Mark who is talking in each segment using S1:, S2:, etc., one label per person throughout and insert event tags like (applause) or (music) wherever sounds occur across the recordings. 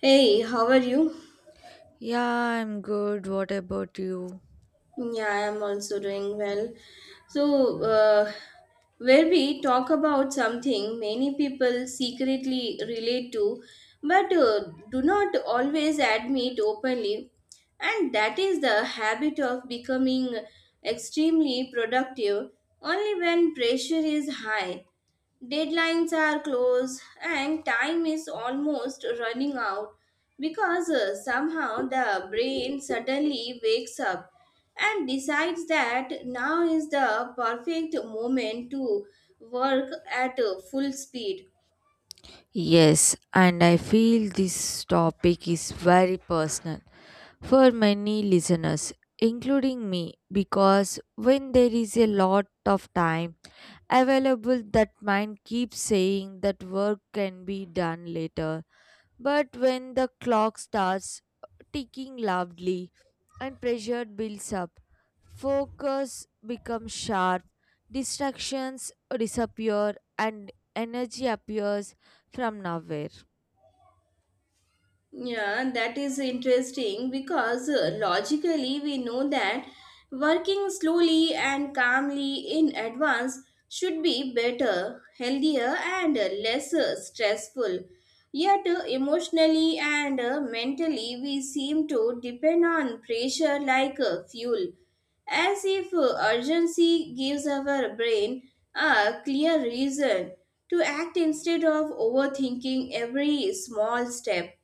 S1: Hey, how are you?
S2: Yeah, I'm good. What about you?
S1: Yeah, I am also doing well. So, uh, where we talk about something many people secretly relate to but do not always admit openly, and that is the habit of becoming extremely productive only when pressure is high. Deadlines are close and time is almost running out because somehow the brain suddenly wakes up and decides that now is the perfect moment to work at full speed.
S2: Yes, and I feel this topic is very personal for many listeners, including me, because when there is a lot of time available, that mind keeps saying that work can be done later. But when the clock starts ticking loudly and pressure builds up, focus becomes sharp, distractions disappear, and energy appears from nowhere.
S1: Yeah, that is interesting because logically we know that working slowly and calmly in advance should be better, healthier, and less stressful. Yet, emotionally and mentally, we seem to depend on pressure like fuel, as if urgency gives our brain a clear reason to act instead of overthinking every small step.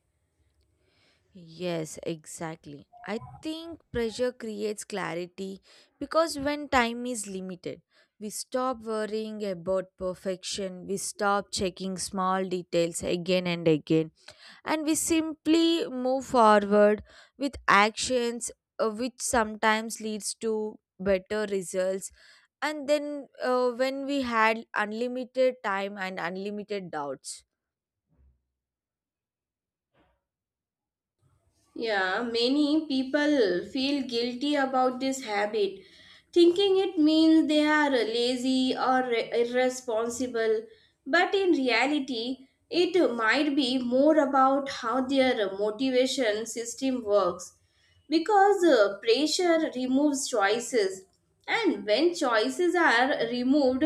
S2: Yes, exactly. I think pressure creates clarity because when time is limited, we stop worrying about perfection, we stop checking small details again and again, and we simply move forward with actions, which sometimes leads to better results, and then when we had unlimited time and unlimited doubts.
S1: Yeah, many people feel guilty about this habit, thinking it means they are lazy or irresponsible. But in reality, it might be more about how their motivation system works because pressure removes choices. And when choices are removed,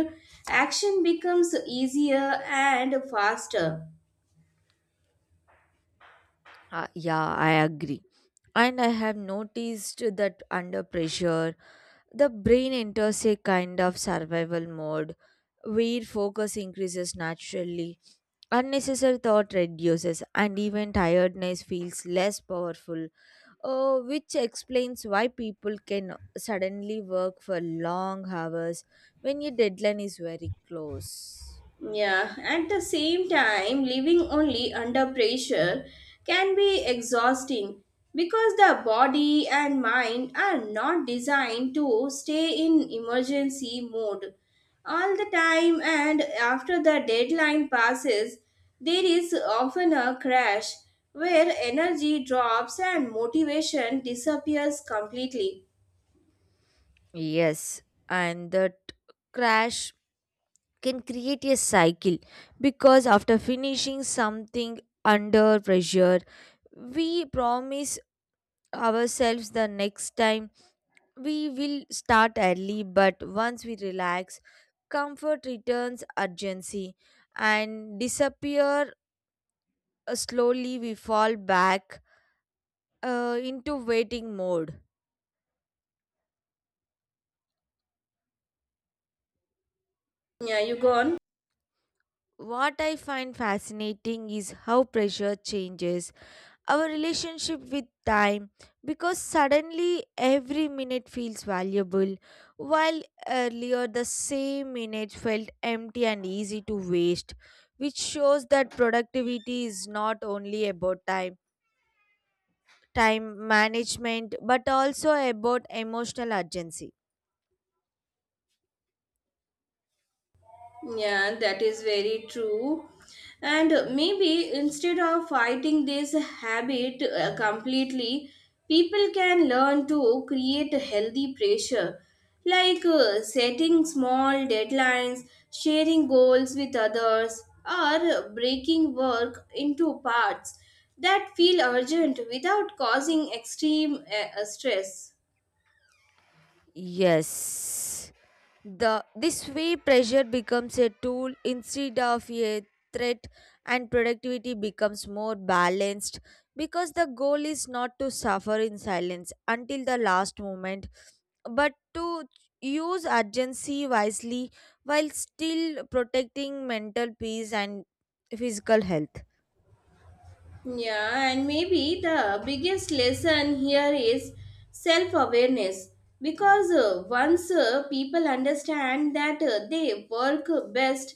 S1: action becomes easier and faster.
S2: Yeah, I agree, and I have noticed that under pressure the brain enters a kind of survival mode where focus increases naturally, unnecessary thought reduces, and even tiredness feels less powerful, which explains why people can suddenly work for long hours when your deadline is very close.
S1: Yeah, at the same time, living only under pressure can be exhausting because the body and mind are not designed to stay in emergency mode all the time, and after the deadline passes, there is often a crash where energy drops and motivation disappears completely.
S2: Yes, and that crash can create a cycle because after finishing something under pressure, we promise ourselves the next time we will start early, but once we relax, comfort returns urgency and disappear. Slowly we fall back into waiting mode.
S1: Yeah, you go on.
S2: What I find fascinating is how pressure changes our relationship with time because suddenly every minute feels valuable, while earlier the same minute felt empty and easy to waste, which shows that productivity is not only about time, time management, but also about emotional urgency.
S1: Yeah, that is very true. And maybe instead of fighting this habit completely, people can learn to create a healthy pressure, like setting small deadlines, sharing goals with others, or breaking work into parts that feel urgent without causing extreme stress.
S2: Yes. This way, pressure becomes a tool instead of a threat, and productivity becomes more balanced because the goal is not to suffer in silence until the last moment, but to use urgency wisely while still protecting mental peace and physical health.
S1: Yeah, and maybe the biggest lesson here is self awareness because once people understand that they work best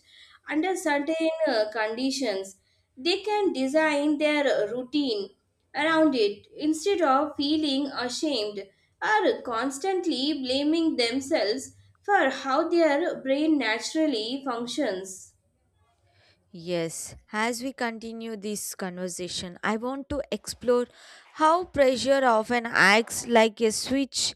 S1: under certain conditions, they can design their routine around it instead of feeling ashamed or constantly blaming themselves for how their brain naturally functions.
S2: Yes, as we continue this conversation, I want to explore how pressure often acts like a switch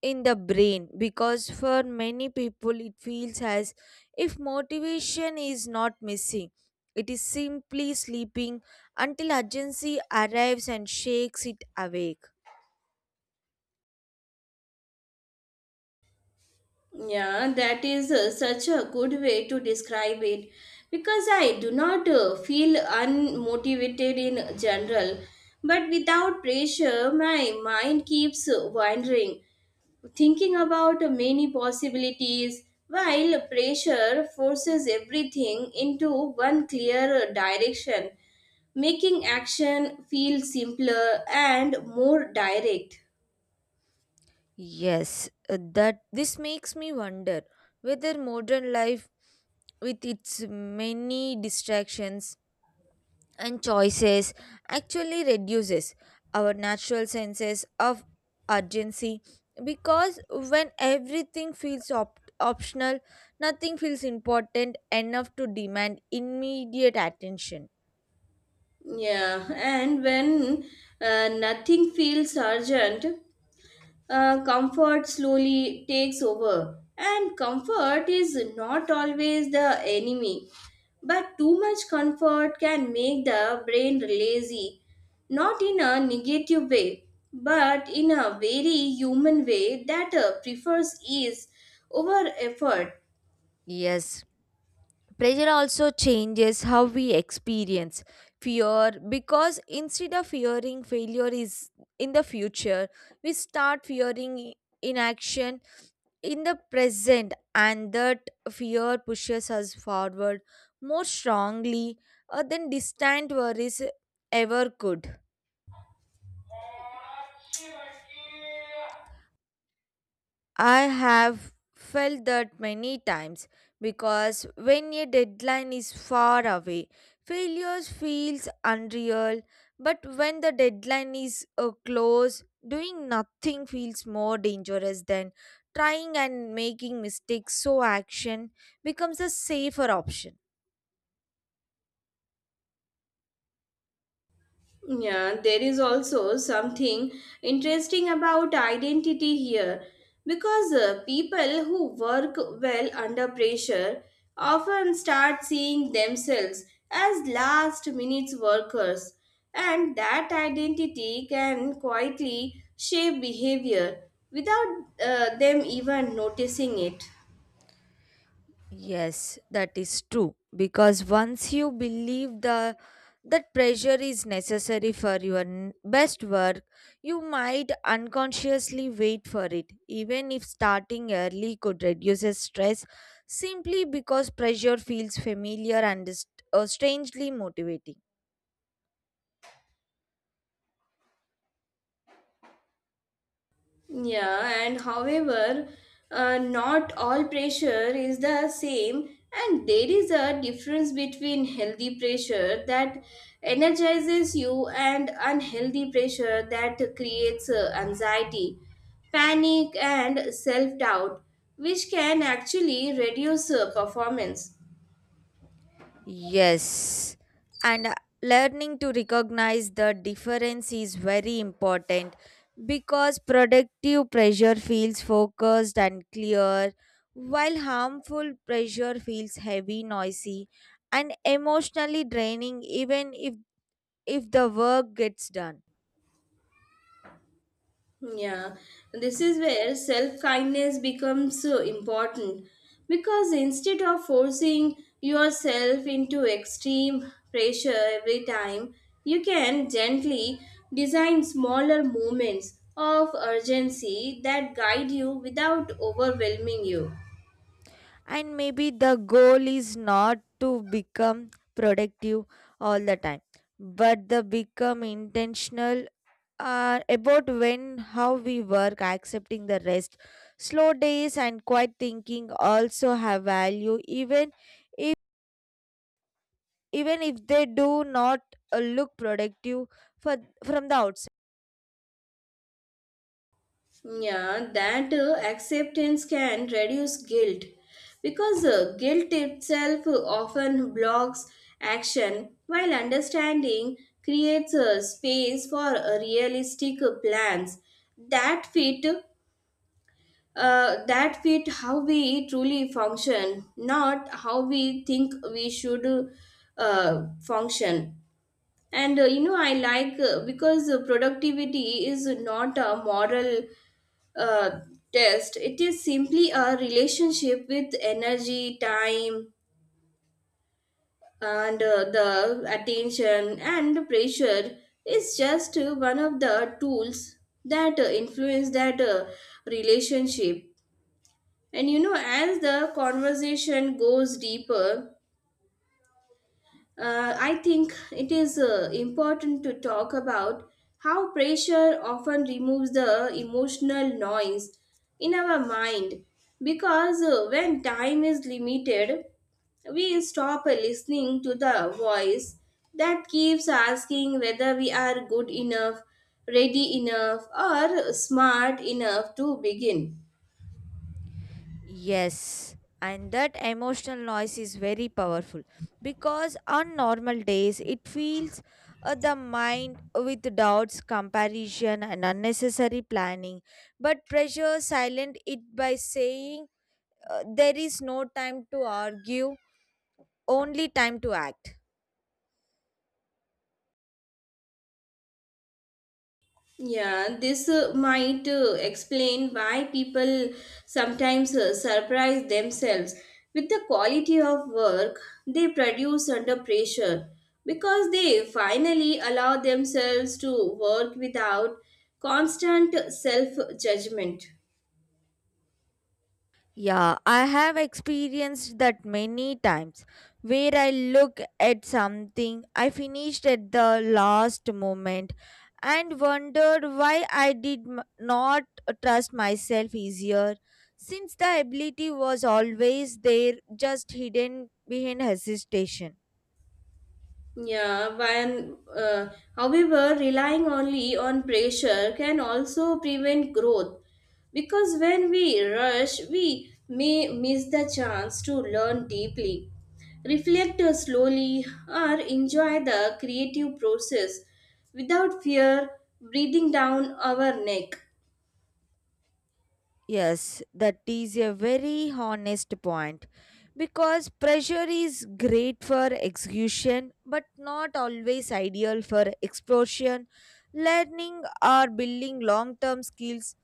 S2: in the brain because for many people it feels as if motivation is not missing. It is simply sleeping until urgency arrives and shakes it awake.
S1: Yeah, that is such a good way to describe it because I do not feel unmotivated in general, but without pressure, my mind keeps wandering, thinking about many possibilities, while pressure forces everything into one clear direction, making action feel simpler and more direct.
S2: Yes, that this makes me wonder whether modern life with its many distractions and choices actually reduces our natural senses of urgency because when everything feels optional, nothing feels important enough to demand immediate attention.
S1: Yeah, and when nothing feels urgent, comfort slowly takes over. And comfort is not always the enemy, but too much comfort can make the brain lazy, not in a negative way, but in a very human way that prefers ease over effort.
S2: Yes, pressure also changes how we experience fear because instead of fearing failure is in the future, we start fearing inaction in the present, and that fear pushes us forward more strongly than distant worries ever could. I have felt that many times because when a deadline is far away, failures feels unreal. But when the deadline is close, doing nothing feels more dangerous than trying and making mistakes. So action becomes a safer option.
S1: Yeah, there is also something interesting about identity here because people who work well under pressure often start seeing themselves as last minute workers, and that identity can quietly shape behavior without them even noticing it.
S2: Yes, that is true. Because once you believe the that pressure is necessary for your best work, you might unconsciously wait for it. Even if starting early could reduce the stress, simply because pressure feels familiar and is, strangely motivating.
S1: Yeah, and however, not all pressure is the same, and there is a difference between healthy pressure that energizes you and unhealthy pressure that creates anxiety, panic, and self doubt, which can actually reduce performance.
S2: Yes, and learning to recognize the difference is very important because productive pressure feels focused and clear, while harmful pressure feels heavy, noisy, and emotionally draining, even if the work gets done.
S1: Yeah, this is where self kindness becomes so important because instead of forcing yourself into extreme pressure every time, you can gently design smaller moments of urgency that guide you without overwhelming you.
S2: And maybe the goal is not to become productive all the time but the become intentional about when how we work, accepting the rest. Slow days and quiet thinking also have value, if even if they do not look productive for from the outside.
S1: Yeah, that acceptance can reduce guilt because guilt itself often blocks action, while understanding creates a space for realistic plans that fit that fit how we truly function, not how we think we should function. And you know, I like because productivity is not a moral uh, test. It is simply a relationship with energy time and the attention and pressure is just one of the tools that influence that relationship. And you know, as the conversation goes deeper, I think it is important to talk about how pressure often removes the emotional noise in our mind because when time is limited, we stop listening to the voice that keeps asking whether we are good enough, ready enough, or smart enough to begin.
S2: Yes, and that emotional noise is very powerful because on normal days it fills the mind with doubts, comparison, and unnecessary planning. But pressure silent it by saying there is no time to argue, only time to act.
S1: Yeah, this might explain why people sometimes surprise themselves with the quality of work they produce under pressure because they finally allow themselves to work without constant self judgment.
S2: Yeah, I have experienced that many times where I look at something I finished at the last moment and wondered why I did not trust myself easier, since the ability was always there, just hidden behind hesitation.
S1: Yeah, when, uh, however, relying only on pressure can also prevent growth because when we rush, we may miss the chance to learn deeply, reflect slowly, or enjoy the creative process without fear breathing down our neck.
S2: Yes, that is a very honest point because pressure is great for execution but not always ideal for explosion, learning, or building long term skills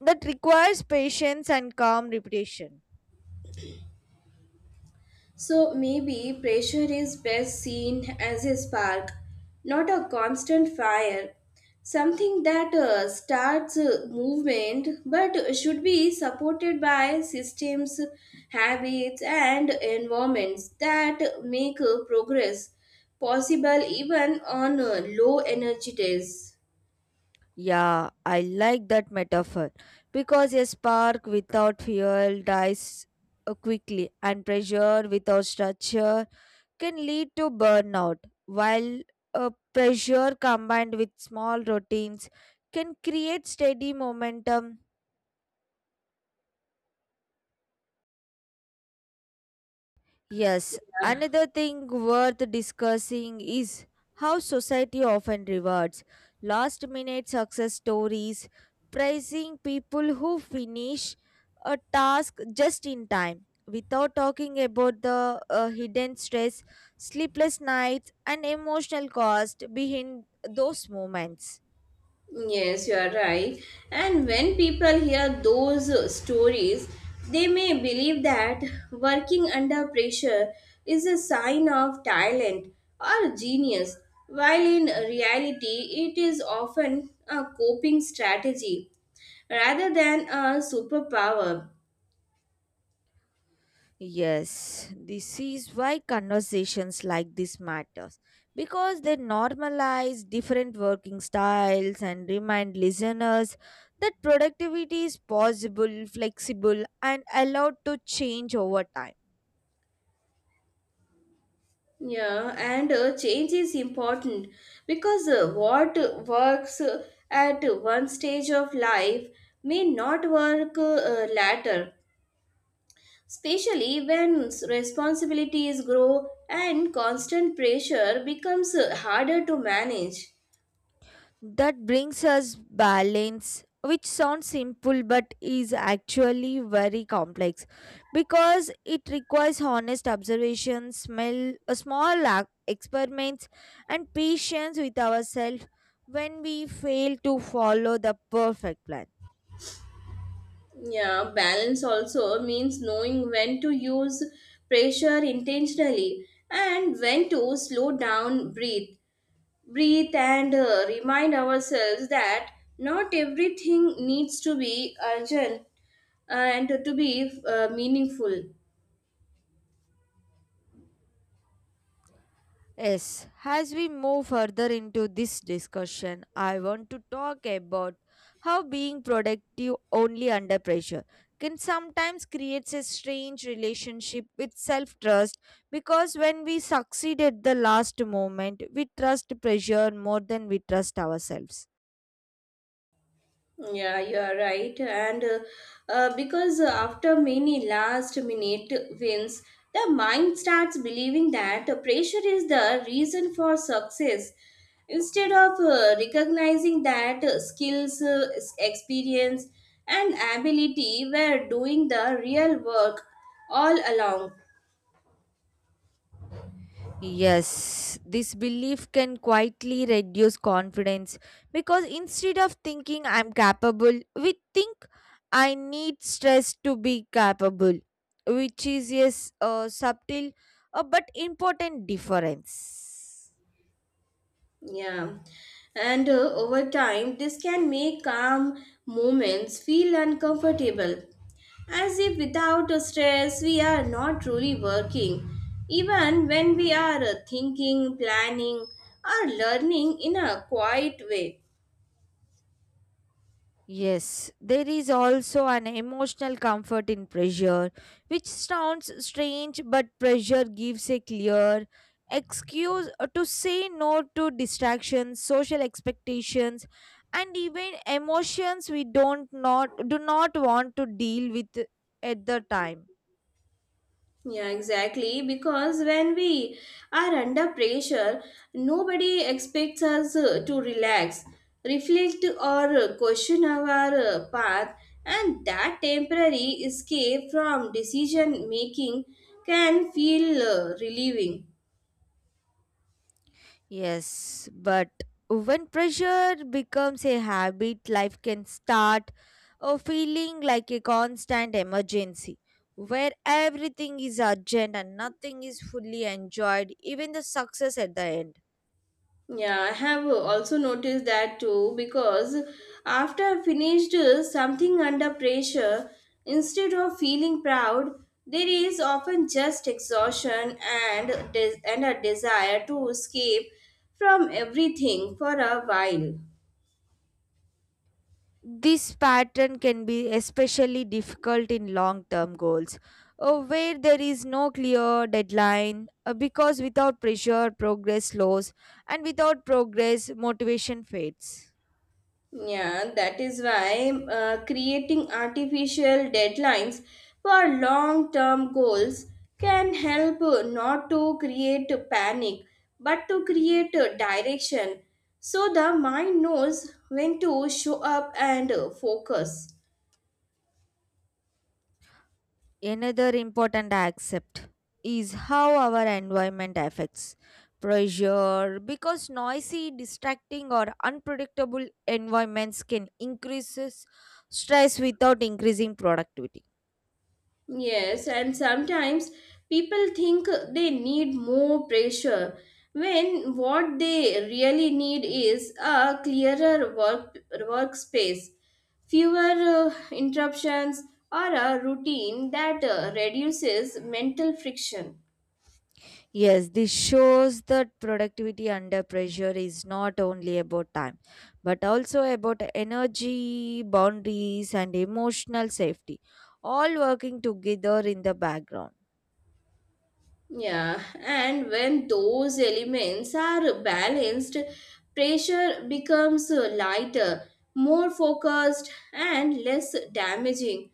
S2: that requires patience and calm repetition.
S1: So maybe pressure is best seen as a spark, not a constant fire. Something that starts movement but should be supported by systems, habits, and environments that make progress possible even on low energy days.
S2: Yeah, I like that metaphor because a spark without fuel dies quickly, and pressure without structure can lead to burnout, while pressure combined with small routines can create steady momentum. Yes, another thing worth discussing is how society often rewards last minute success stories, praising people who finish a task just in time. Without talking about the hidden stress, sleepless nights, and emotional cost behind those moments.
S1: Yes, you are right. And when people hear those stories, they may believe that working under pressure is a sign of talent or genius, while in reality, it is often a coping strategy rather than a superpower.
S2: Yes, this is why conversations like this matters, because they normalize different working styles and remind listeners that productivity is possible, flexible, and allowed to change over time.
S1: Yeah, and change is important because what works at one stage of life may not work later, especially when responsibilities grow and constant pressure becomes harder to manage.
S2: That brings us balance, which sounds simple but is actually very complex because it requires honest observation, smell, a small experiments, and patience with ourselves when we fail to follow the perfect plan.
S1: Yeah, balance also means knowing when to use pressure intentionally and when to slow down, breathe. Breathe and remind ourselves that not everything needs to be urgent and to be meaningful.
S2: Yes, as we move further into this discussion, I want to talk about how being productive only under pressure can sometimes create a strange relationship with self trust, because when we succeed at the last moment, we trust pressure more than we trust ourselves.
S1: Yeah, you are right. And because after many last minute wins, the mind starts believing that pressure is the reason for success, instead of recognizing that skills, experience, and ability were doing the real work all along.
S2: Yes, this belief can quietly reduce confidence because instead of thinking I'm capable, we think I need stress to be capable, which is, yes, a subtle but important difference.
S1: Yeah. And over time, this can make calm moments feel uncomfortable, as if without a stress, we are not truly working, even when we are thinking, planning, or learning in a quiet way.
S2: Yes, there is also an emotional comfort in pressure, which sounds strange, but pressure gives a clear excuse to say no to distractions, social expectations, and even emotions we don't not do not want to deal with at the time.
S1: Yeah, exactly. Because when we are under pressure, nobody expects us to relax, reflect, or question our path, and that temporary escape from decision making can feel relieving.
S2: Yes, but when pressure becomes a habit, life can start feeling like a constant emergency where everything is urgent and nothing is fully enjoyed, even the success at the end.
S1: Yeah, I have also noticed that too because after I finished something under pressure, instead of feeling proud, there is often just exhaustion and a desire to escape from everything for a while.
S2: This pattern can be especially difficult in long term goals where there is no clear deadline, because without pressure, progress slows, and without progress, motivation fades.
S1: Yeah, that is why creating artificial deadlines for long term goals can help not to create panic but to create a direction so the mind knows when to show up and focus.
S2: Another important aspect is how our environment affects pressure because noisy, distracting, or unpredictable environments can increase stress without increasing productivity.
S1: Yes, and sometimes people think they need more pressure when what they really need is a clearer workspace, fewer interruptions, or a routine that reduces mental friction.
S2: Yes, this shows that productivity under pressure is not only about time but also about energy, boundaries, and emotional safety, all working together in the background.
S1: Yeah, and when those elements are balanced, pressure becomes lighter, more focused, and less damaging,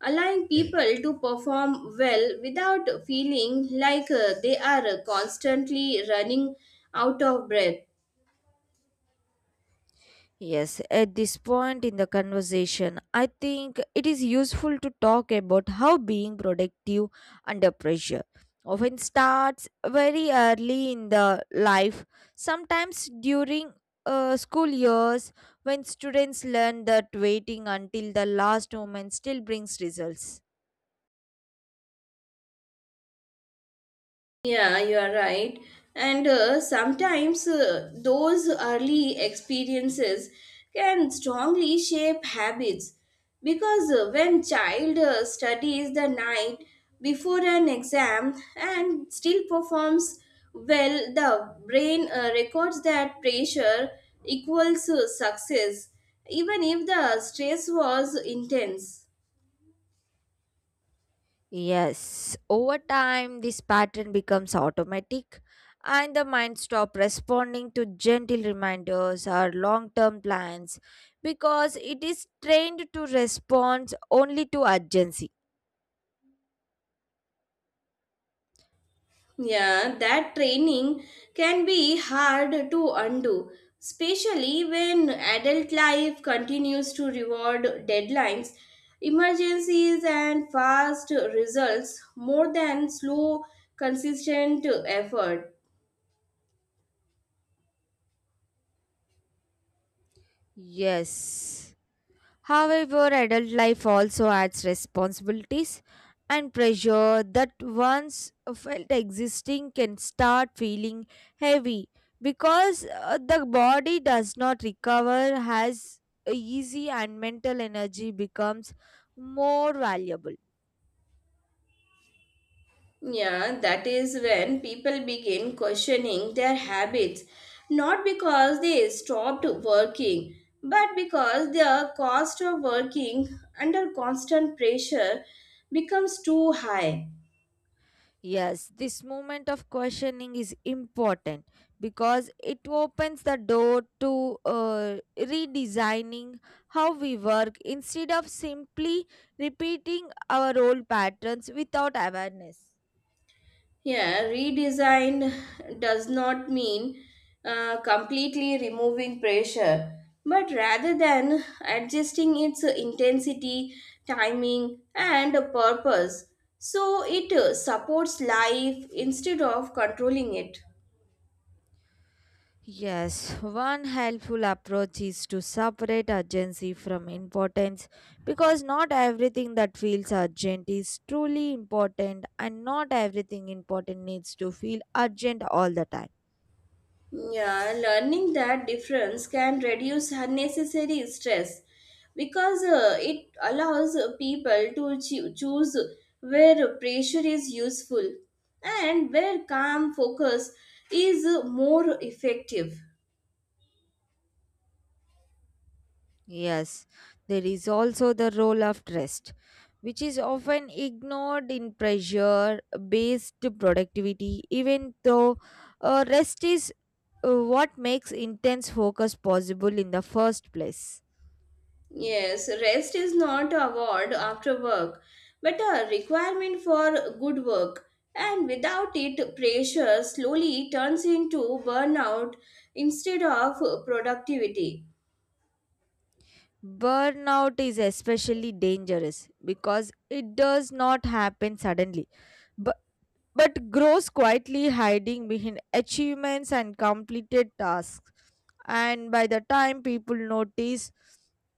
S1: allowing people to perform well without feeling like they are constantly running out of breath.
S2: Yes, at this point in the conversation, I think it is useful to talk about how being productive under pressure often starts very early in the life, sometimes during school years, when students learn that waiting until the last moment still brings results.
S1: Yeah, you are right. And sometimes those early experiences can strongly shape habits because when child studies the night before an exam and still performs well, the brain records that pressure equals success, even if the stress was intense.
S2: Yes, over time, this pattern becomes automatic, and the mind stops responding to gentle reminders or long term plans because it is trained to respond only to urgency.
S1: Yeah, that training can be hard to undo, especially when adult life continues to reward deadlines, emergencies, and fast results more than slow, consistent effort.
S2: Yes. However, adult life also adds responsibilities, and pressure that once felt existing can start feeling heavy because the body does not recover as easy and mental energy becomes more valuable.
S1: Yeah, that is when people begin questioning their habits, not because they stopped working, but because the cost of working under constant pressure becomes too high.
S2: Yes, this moment of questioning is important because it opens the door to redesigning how we work instead of simply repeating our old patterns without awareness.
S1: Yeah, redesign does not mean completely removing pressure, but rather than adjusting its intensity, timing, and purpose. So it supports life instead of controlling it.
S2: Yes, one helpful approach is to separate urgency from importance because not everything that feels urgent is truly important, and not everything important needs to feel urgent all the time.
S1: Yeah, learning that difference can reduce unnecessary stress because it allows people to choose where pressure is useful and where calm focus is more effective.
S2: Yes, there is also the role of rest, which is often ignored in pressure based productivity, even though rest is what makes intense focus possible in the first place.
S1: Yes, rest is not a award after work but a requirement for good work, and without it, pressure slowly turns into burnout instead of productivity.
S2: Burnout is especially dangerous because it does not happen suddenly, but grows quietly, hiding behind achievements and completed tasks. And by the time people notice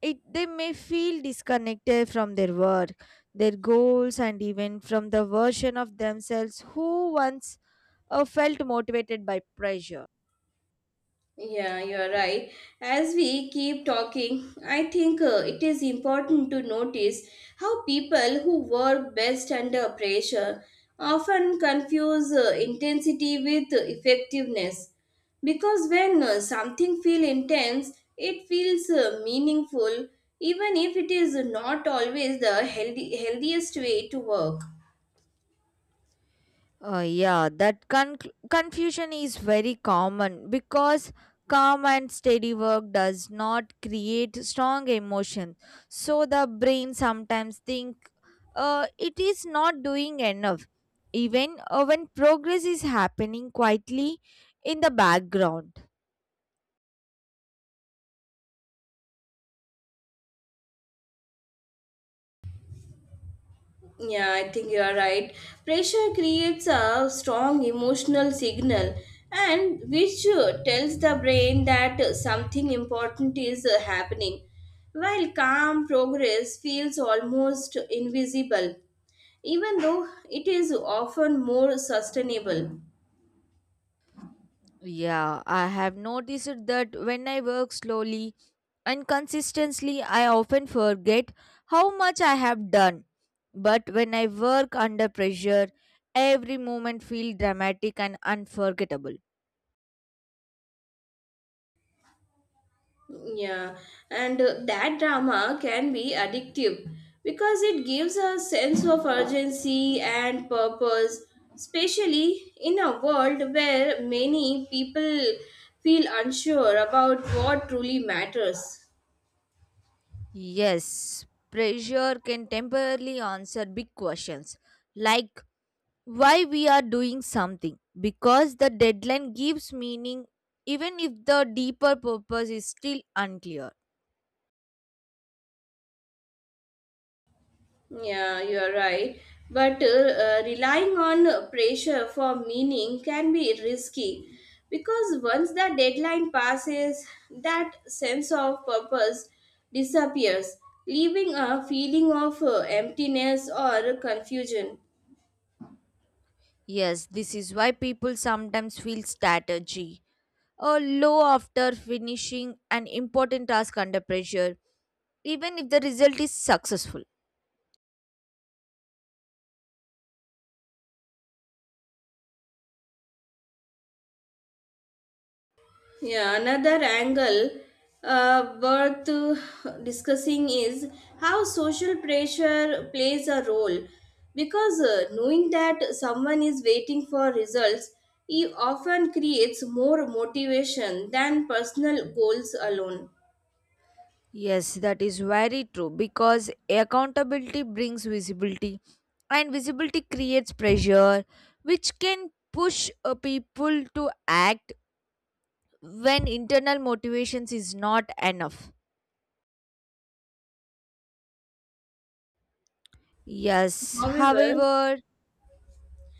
S2: it, they may feel disconnected from their work, their goals, and even from the version of themselves who once felt motivated by pressure.
S1: Yeah, you're right. As we keep talking, I think it is important to notice how people who work best under pressure often confuse intensity with effectiveness. Because when something feels intense, it feels meaningful, even if it is not always the healthiest way to work.
S2: Yeah, that confusion is very common because calm and steady work does not create strong emotion. So the brain sometimes think it is not doing enough, even when progress is happening quietly in the background.
S1: Yeah, I think you are right. Pressure creates a strong emotional signal and which tells the brain that something important is happening. While calm progress feels almost invisible, even though it is often more sustainable.
S2: Yeah, I have noticed that when I work slowly and consistently, I often forget how much I have done. But when I work under pressure, every moment feels dramatic and unforgettable.
S1: Yeah, and that drama can be addictive because it gives a sense of urgency and purpose, especially in a world where many people feel unsure about what truly matters.
S2: Yes, pressure can temporarily answer big questions like why we are doing something, because the deadline gives meaning even if the deeper purpose is still unclear.
S1: Yeah, you're right. But relying on pressure for meaning can be risky because once the deadline passes, that sense of purpose disappears, leaving a feeling of emptiness or confusion.
S2: Yes, this is why people sometimes feel strategy or low after finishing an important task under pressure, even if the result is successful.
S1: Yeah, another angle worth discussing is how social pressure plays a role. Because knowing that someone is waiting for results it often creates more motivation than personal goals alone.
S2: Yes, that is very true because accountability brings visibility, and visibility creates pressure, which can push people to act when internal motivations is not enough. Yes,
S1: However,
S2: however,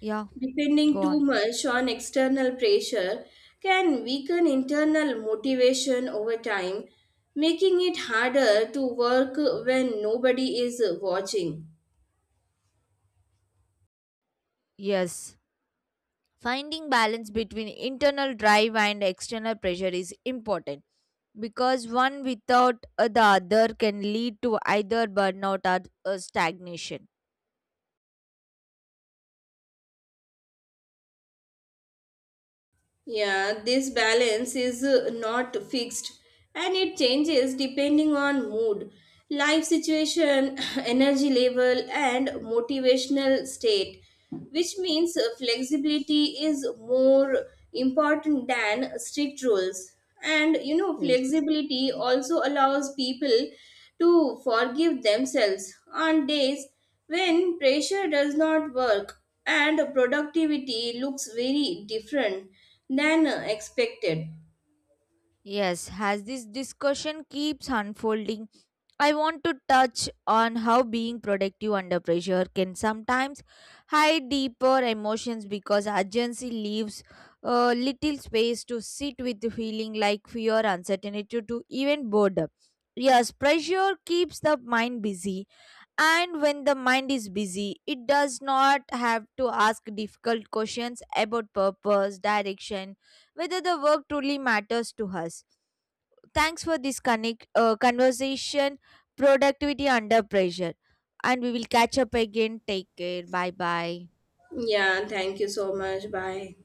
S2: yeah,
S1: depending
S2: go
S1: too
S2: on.
S1: much on external pressure can weaken internal motivation over time, making it harder to work when nobody is watching.
S2: Yes. Finding balance between internal drive and external pressure is important because one without the other can lead to either burnout or stagnation.
S1: Yeah, this balance is not fixed and it changes depending on mood, life situation, (clears throat) energy level, and motivational state, which means flexibility is more important than strict rules. And you know,
S2: Yes.
S1: flexibility also allows people to forgive themselves on days when pressure does not work and productivity looks very different than expected.
S2: Yes, as this discussion keeps unfolding, I want to touch on how being productive under pressure can sometimes hide deeper emotions because urgency leaves little space to sit with the feeling like fear, uncertainty, to even boredom. Yes, pressure keeps the mind busy, and when the mind is busy, it does not have to ask difficult questions about purpose, direction, whether the work truly matters to us. Thanks for this conversation, productivity under pressure. And we will catch up again. Take care. Bye bye.
S1: Yeah, thank you so much. Bye.